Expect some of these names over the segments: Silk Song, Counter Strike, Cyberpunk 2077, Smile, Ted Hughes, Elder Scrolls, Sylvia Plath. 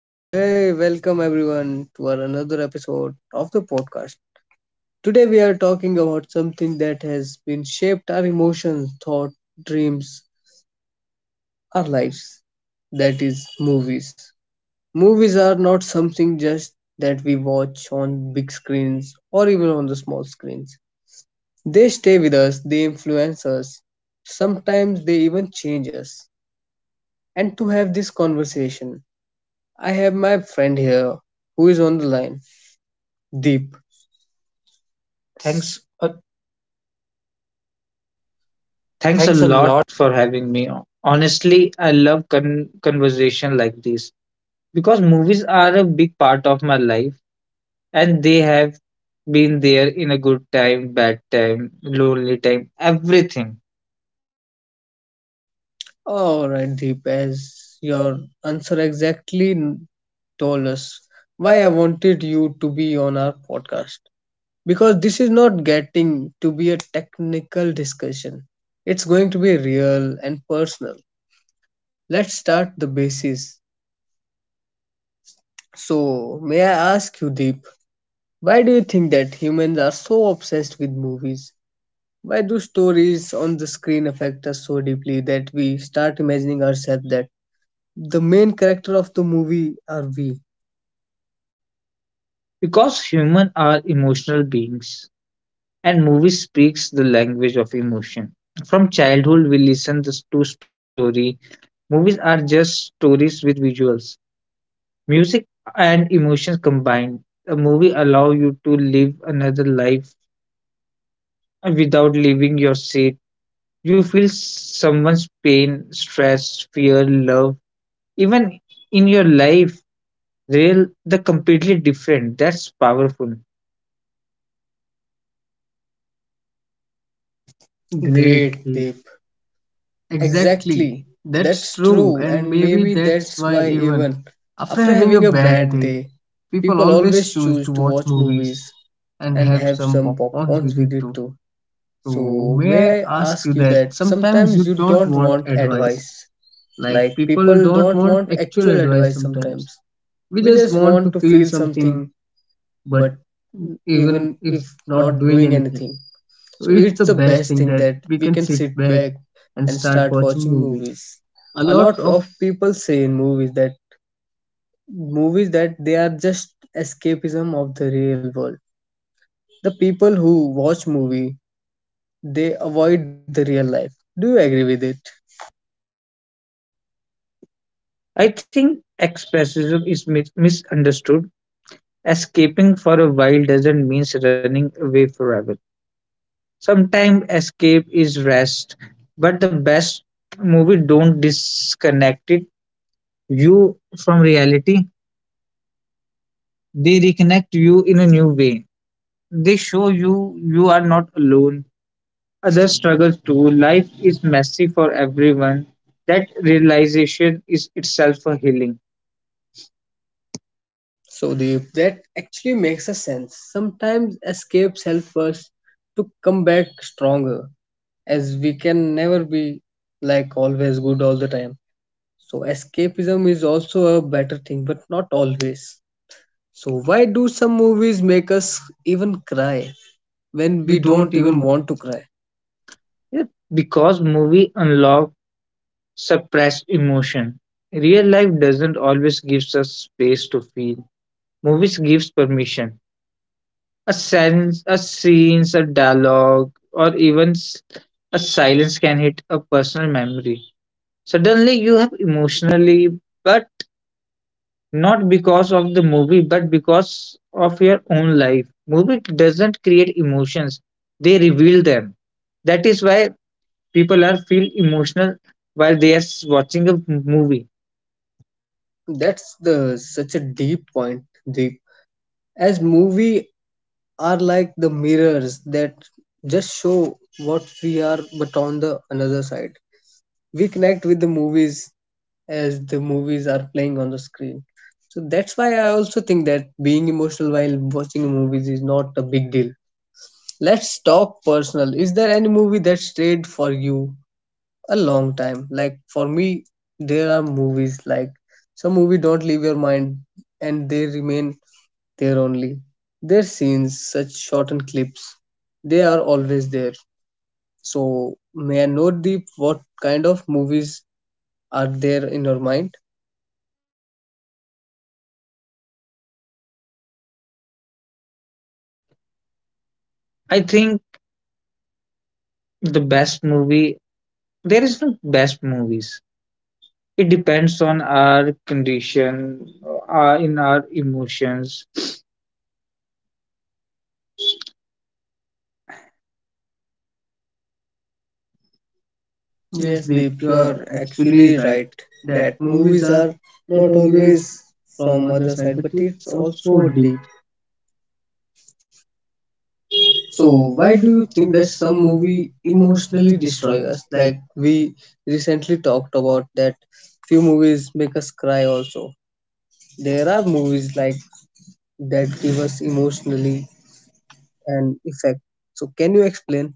So, hey, welcome everyone to our another episode of the podcast. Today, we are talking about something that has been shaped our emotions, thought, dreams, our lives. That is, movies. Movies are not something just that we watch on big screens or even on the small screens. They stay with us, they influence us, sometimes they even change us. And to have this conversation, I have my friend here who is on the line, Deep. Thanks, Thanks a thanks a lot lot. for having me. Honestly, I love conversation like this because movies are a big part of my life and they have been there in a good time, bad time, lonely time, everything. All right, Deep, as your answer exactly told us why I wanted you to be on our podcast. Because this is not getting to be a technical discussion, it's going to be real and personal. Let's start the basis. So, may I ask you, Deep, why do you think that humans are so obsessed with movies? Why do stories on the screen affect us so deeply that we start imagining ourselves that the main character of the movie are we. Because humans are emotional beings and movies speaks the language of emotion. From childhood we listen to story. Movies are just stories with visuals. Music and emotions combined. The movie allow you to live another life without leaving your seat. You feel someone's pain, stress, fear, love. Even in your life, real the completely different. That's powerful. Great. Great, Deep. Deep. Exactly. Exactly. That's That's true. true, And and maybe maybe that's that's why, why, even even after after having having a a bad bad day, day, people people always always choose choose to to watch watch movies movies and and have have some some popcorns popcorns with with it it too. too. So, So, may may I I ask ask you you that that sometimes sometimes you you don't don't want want advice? advice? Like, Like, people people don't don't want want actual actual advice advice sometimes. sometimes. We We just just want want to to feel feel something, something, but but even even if if not not doing doing anything. anything. So, So it's it's the the best best thing thing that that we we can can sit sit back back and and start start watching watching movies. movies. A A lot lot of of people say in movies that they are just escapism of the real world. The people who watch movie they avoid the real life. Do you agree with it? I think expressism is misunderstood. Escaping for a while doesn't mean running away forever. Sometimes escape is rest, but the best movie don't disconnect it you from reality. They reconnect you in a new way. They show you you are not alone. Others struggle too. Life is messy for everyone. That realization is itself a healing. So Deep, that actually makes a sense. Sometimes escapes help us to come back stronger, as we can never be like always good all the time. So escapism is also a better thing, but not always. So why do some movies make us even cry when And we we don't don't even even want to cry? Yeah, because movie unlock suppressed emotion. Real life doesn't always gives us space to feel. Movies gives permission. A sense, a scenes, a dialogue, or even a silence can hit a personal memory. Suddenly, you have emotionally, but not because of the movie, but because of your own life. Movie doesn't create emotions; they reveal them. That is why people are feel emotional while they are watching a movie. That's the such a deep point, deep. As movie are like the mirrors that just show what we are, but on the another side. We connect with the movies as the movies are playing on the screen. So that's why I also think that being emotional while watching a movies is not a big deal. Let's talk personal. Is there any movie that stayed for you a long time? Like for me, there are movies like some movie don't leave your mind and they remain there only. Their scenes, such shortened clips, they are always there. So may I know Deep what kind of movies are there in your mind? I think the best movie. There is no best movies. It depends on our condition in our emotions. Yes, Yes, Deep, Deep, you you are are actually actually right right that that movies movies are are not not always always from from other other side, side, but but it's it's also also deep. deep. So So why why do do you you think think that that some some movie movie emotionally emotionally destroy destroy us? us? Like Like we recently talked about that few movies make us cry also. There are movies like that give us emotionally an effect. So can you explain?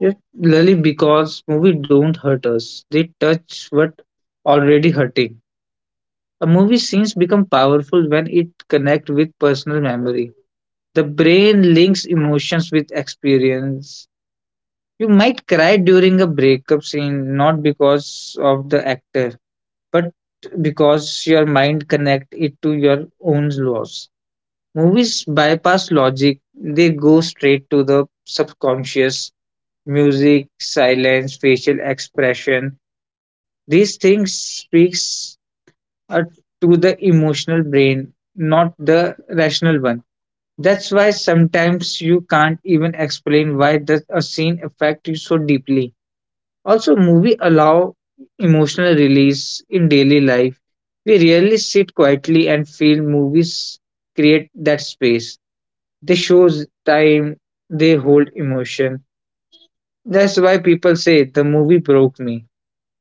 yeah, Lily, because movie don't hurt us. They touch what already hurting. A movie scenes become powerful when it connect with personal memory. The brain links emotions with experience. You might cry during a breakup scene not because of the actor, but because your mind connect it to your own loss. Movies bypass logic, they go straight to the subconscious. Music, silence, facial expression, these things speaks uh, to the emotional brain, not the rational one. That's why sometimes you can't even explain why does a scene affect you so deeply. Also, movie allow emotional release in daily life. We rarely sit quietly and feel movies create that space. They shows time, they hold emotion. That's why people say the movie broke me.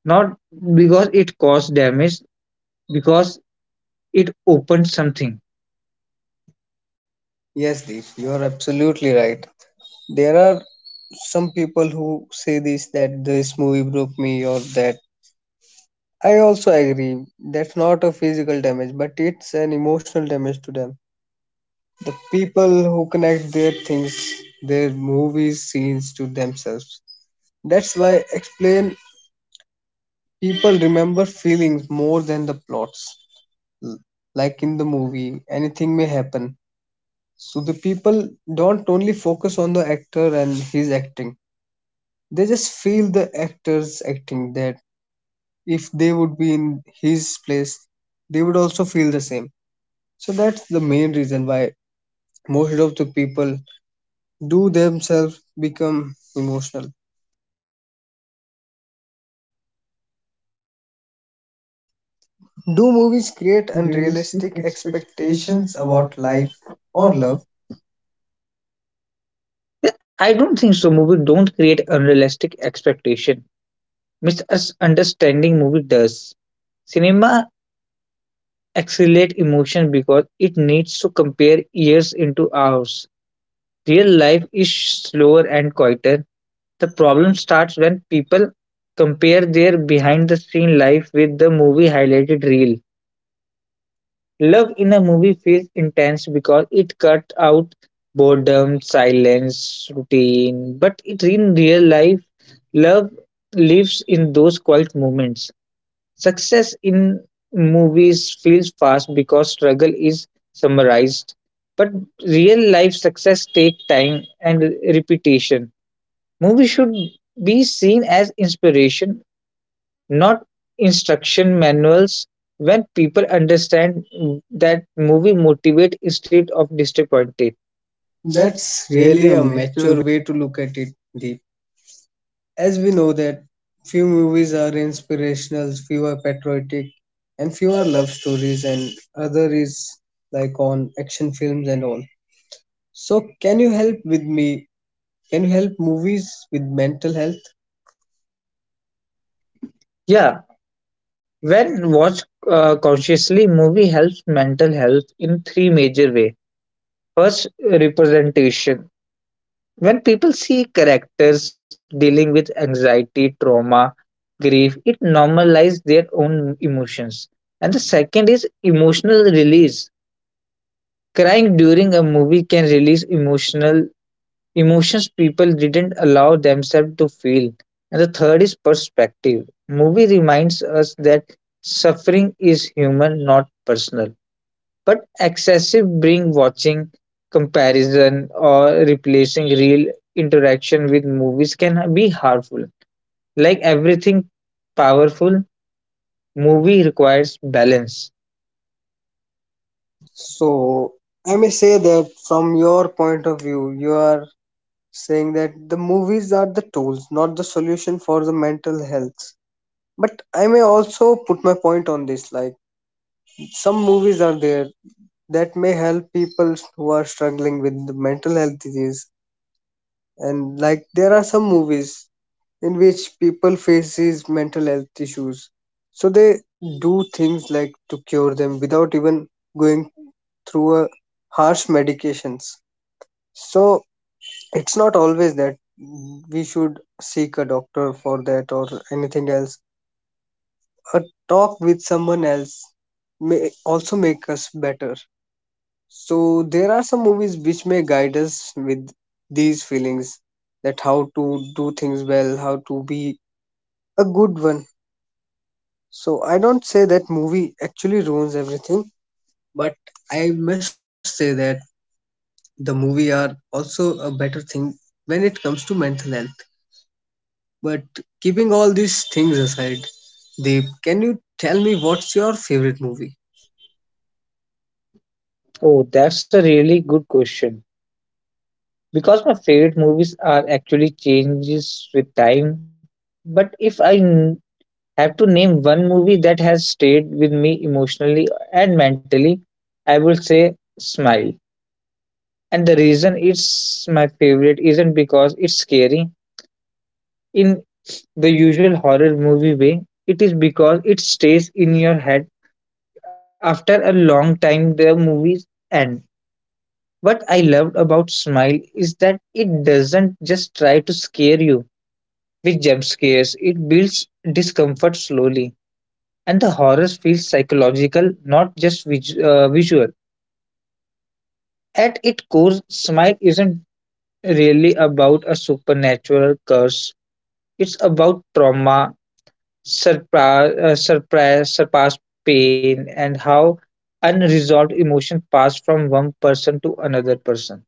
Not because it caused damage, because it opened something. Yes, Deep, you are absolutely right. There are some people who say this that this movie broke me or that. I also agree. That's not a physical damage, but it's an emotional damage to them. The people who connect their things, their movies, scenes to themselves. That's why explain people remember feelings more than the plots. Like in the movie, anything may happen. So the people don't only focus on the actor and his acting. They just feel the actor's acting that if they would be in his place, they would also feel the same. So that's the main reason why most of the people do themselves become emotional. Do movies create Unrealistic unrealistic expectations expectations about about life life or or love. love? I don't think so. Movie don't create unrealistic expectation. Misunderstanding movie does. Cinema accelerate emotion because it needs to compare years into hours. Real life is slower and quieter. The problem starts when people compare their behind the scene life with the movie highlighted reel. Love in a movie feels intense because it cuts out boredom, silence, routine. But it in real life, love lives in those quiet moments. Success in movies feels fast because struggle is summarized. But real life success takes time and repetition. Movies should be seen as inspiration not instruction manuals when people understand that movie motivate instead of disappointed. That's That's really really a a mature mature. way to look at it, Deep. As we know that few movies are inspirational, few are patriotic, and few are love stories, and other is like on action films and all. So, can you help with me? Can you help movies with mental health? Yeah, when watched consciously, movie helps mental health in three major way. First, representation. When people see characters dealing with anxiety, trauma, grief, it normalizes their own emotions. And the second is emotional release. Crying during a movie can release emotional emotions people didn't allow themselves to feel. And the third is perspective. Movie reminds us that suffering is human, not personal. But excessive bring watching, comparison, or replacing real interaction with movies can be harmful. Like everything powerful, movie requires balance. So, I may say that from your point of view, you are saying that the movies are the tools, not the solution for the mental health. But I may also put my point on this like, some movies are there that may help people who are struggling with the mental health disease. And like, there are some movies in which people face these mental health issues. So they do things like to cure them without even going through a harsh medications. So it's not always that we should seek a doctor for that or anything else. A talk with someone else may also make us better. So there are some movies which may guide us with these feelings that how to do things well, how to be a good one. So I don't say that movie actually ruins everything, but I must say that the movie are also a better thing when it comes to mental health. But keeping all these things aside, Deep, can you tell me what's your favorite movie? Oh, that's a really good question, because my favorite movies are actually changes with time. But if have to name one movie that has stayed with me emotionally and mentally, I would say Smile. And the reason it's my favorite isn't because it's scary in the usual horror movie way. It is because it stays in your head after a long time the movies end. What I loved about Smile is that it doesn't just try to scare you with jump scares, it builds discomfort slowly, and the horror feels psychological, not just visual. At its core, Smile isn't really about a supernatural curse, it's about trauma, surprise, surpassed pain, and how unresolved emotion pass from one person to another person.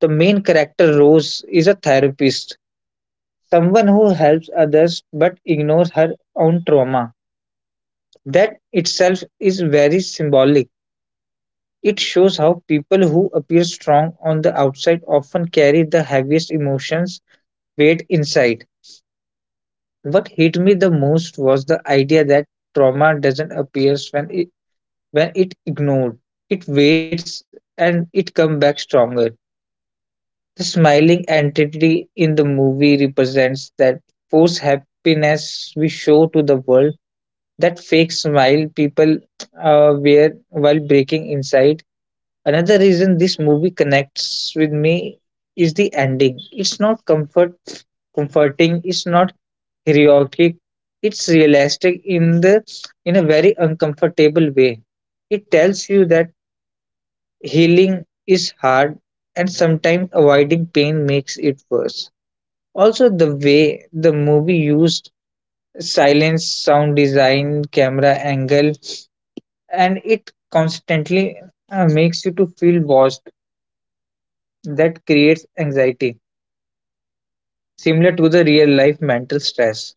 The main character, Rose, is a therapist, someone who helps others but ignores her own trauma. That itself is very symbolic. It shows how people who appear strong on the outside often carry the heaviest emotions weight inside. What hit me the most was the idea that trauma doesn't appear when when it ignored. It waits and it comes back stronger. The smiling entity in the movie represents that false happiness we show to the world. That fake smile people wear while breaking inside. Another reason this movie connects with me is the ending. It's not comforting, it's not heroic, it's realistic in the in a very uncomfortable way. It tells you that healing is hard and sometimes avoiding pain makes it worse. Also the way the movie used silence, sound design, camera angle and it constantly makes you to feel watched, that creates anxiety, similar to the real life mental stress.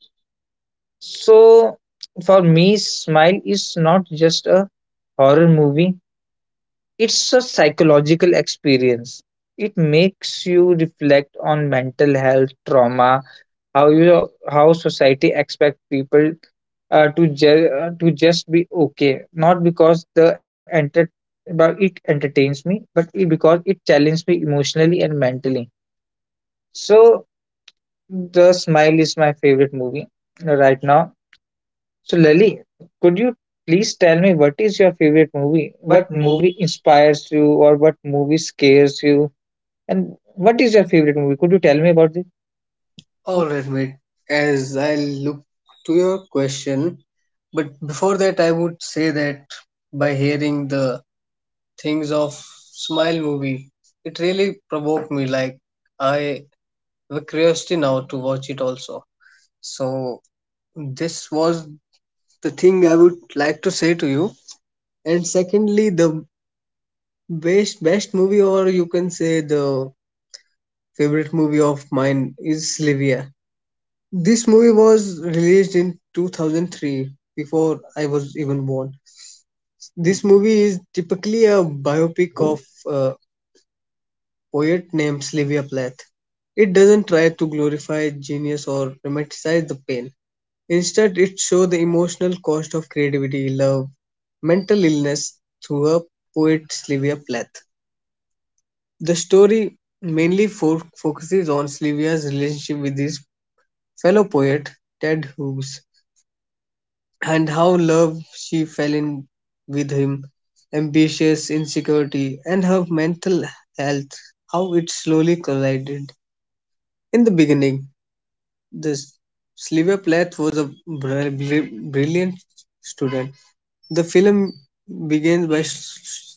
So, for me, Smile is not just a horror movie, it's a psychological experience. It makes you reflect on mental health, trauma, how society expect people to just be okay, not because the enter but it entertains me, but it, because it challenges me emotionally and mentally. So The Smile is my favorite movie right now. So, Lali, could you please tell me what is your favorite movie? What What movie? movie inspires you, or what movie scares you? And what is your favorite movie? Could you tell me about it? Alright, mate. As I look to your question, but before that, I would say that by hearing the things of Smile movie, it really provoked me. Like I have a curiosity now to watch it also. So this was the thing I would like to say to you. And secondly, the best movie or you can say the favorite movie of mine is Sylvia. This movie was released in 2003 before I was even born. This movie is typically a biopic of a poet named Sylvia Plath. It doesn't try to glorify genius or romanticize the pain. Instead, it shows the emotional cost of creativity, love, mental illness through a poet Sylvia Plath. The story mainly focuses on Sylvia's relationship with his fellow poet Ted Hughes and how love she fell in with him, ambitious insecurity, and her mental health, how it slowly collided. In the beginning, the Sylvia Plath was a brilliant student. The film begins by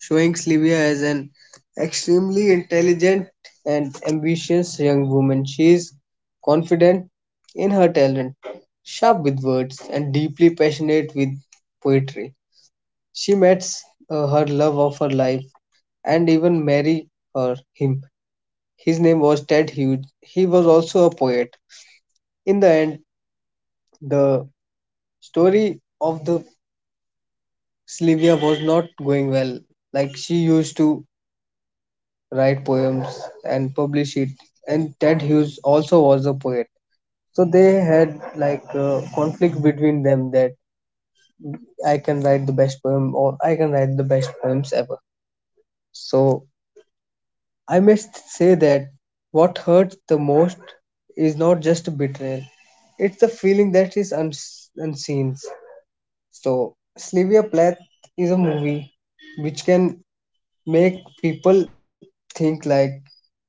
showing Sylvia as an extremely intelligent and ambitious young woman. She is confident in her talent, sharp with words, and deeply passionate with poetry. She meets her love of her life and even marry her him. His name was Ted Hughes. He was also a poet. In the end, the story of the Sylvia was not going well. Like she used to write poems and publish it, and Ted Hughes also was a poet, so they had like a conflict between them that I can write the best poem or I can write the best poems ever. So I must say that what hurts the most is not just a betrayal, it's the feeling that is unseen. So Sylvia Plath is a movie which can make people think like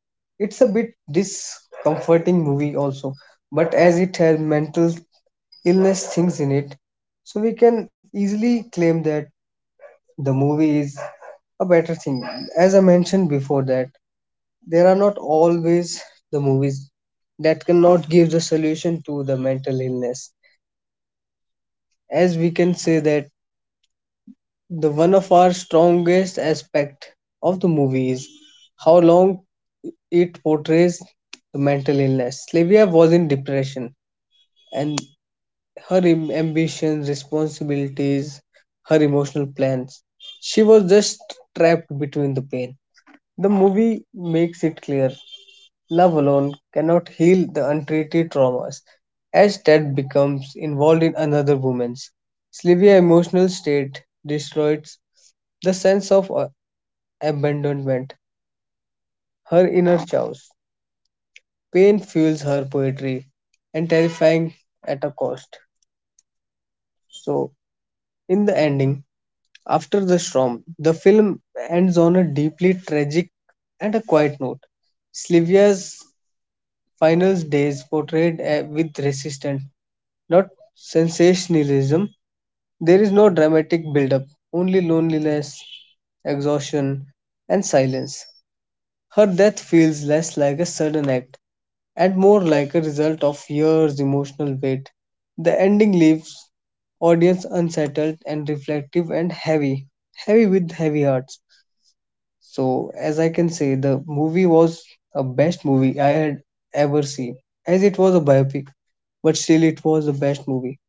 it's a bit discomforting movie also, but as it has mental illness things in it, so we can easily claim that the movie is a better thing. As I mentioned before that there are not always the movies that cannot give the solution to the mental illness. As we can say that the one of our strongest aspect of the movie is how long it portrays the mental illness. Slavia was in depression, and her ambitions, responsibilities, her emotional plans. She was just trapped between the pain. The movie makes it clear love alone cannot heal the untreated traumas, as Ted becomes involved in another woman's. Sylvia's emotional state destroys the sense of abandonment, her inner chaos. Pain fuels her poetry and terrifying at a cost. So, in the ending, after the storm, the film ends on a deeply tragic and a quiet note. Sylvia's final days portrayed with resistance, not sensationalism. There is no dramatic build-up, only loneliness, exhaustion, and silence. Her death feels less like a sudden act and more like a result of years' emotional weight. The ending leaves audience unsettled and reflective and heavy, heavy with heavy hearts. So, as I can say, the movie was a best movie I had ever seen, as it was a biopic, but still it was the best movie.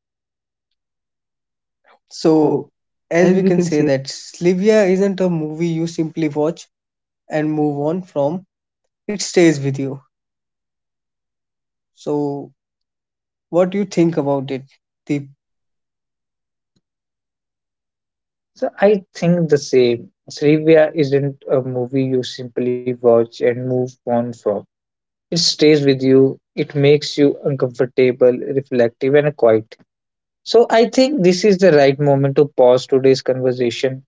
So, So, as as we we can can say say, that Slivia isn't a movie you simply watch and move on from. It stays with you. So, what do you think about it, Deep? So, I think the same. Srivia isn't a movie you simply watch and move on from. It stays with you, it makes you uncomfortable, reflective, and quiet. So, I think this is the right moment to pause today's conversation.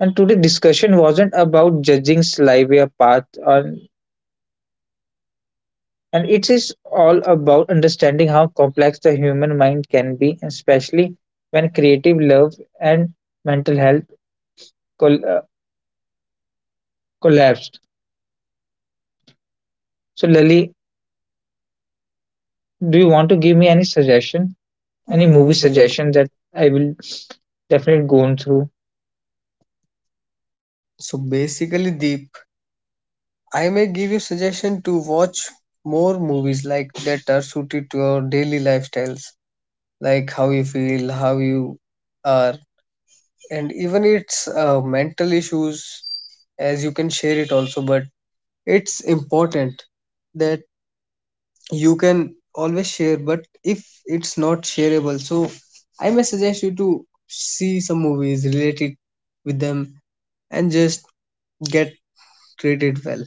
And today's discussion wasn't about judging Slavia path on and it is all about understanding how complex the human mind can be, especially when creative love and mental health col- uh, collapsed. So, Lali, do you want to give me any suggestion, Any any movie movie suggestion? suggestion that I will definitely go on through? So basically, Deep, I may give you suggestion to watch more movies like that are suited to our daily lifestyles, like how you feel, how you are, and even it's mental issues, as you can share it also. But it's important that you can always share, but if it's not shareable, so I may suggest you to see some movies related with them and just get treated well.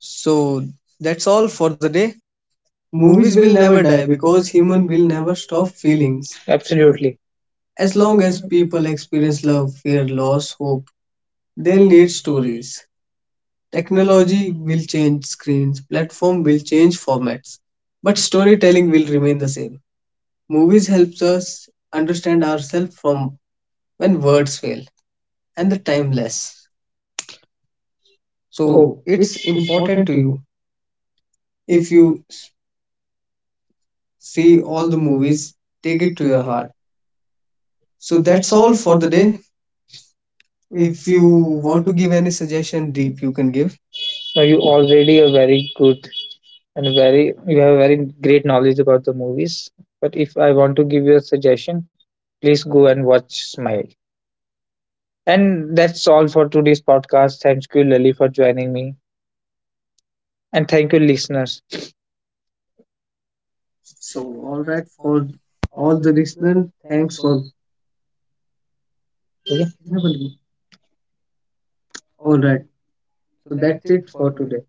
So that's all for the day. Movies Movies will will never never die die because because human human will will never never stop stop feelings. feelings. Absolutely. As As long long as as people people experience experience love, love, fear, fear, loss, loss, hope, hope, they'll they'll need need stories. stories. Technology Technology will will change change screens, screens, platform platform will will change change formats, formats, but but storytelling storytelling will will remain remain the the same. same. Movies Movies help helps us us understand understand ourselves ourselves from from when when words words fail fail and and the the timeless. timeless. Oh, So So Oh, it's it's important important to to you. you. If If you you see see all all the the movies, movies, take take it it to to your your heart. heart. So So that's that's all all for for the the day. day. If If you you want want to to give give any any suggestion, suggestion, Deep, Deep, you you can can give. give. Are you already a very good and very you have a very great knowledge about the movies. But if I want to give you a suggestion, please go and watch Smile. And that's all for today's podcast. Thank you, Lily, for joining me. And thank you, listeners. So, all right, for all the listeners, thanks for. Okay? All right, so that's it for today.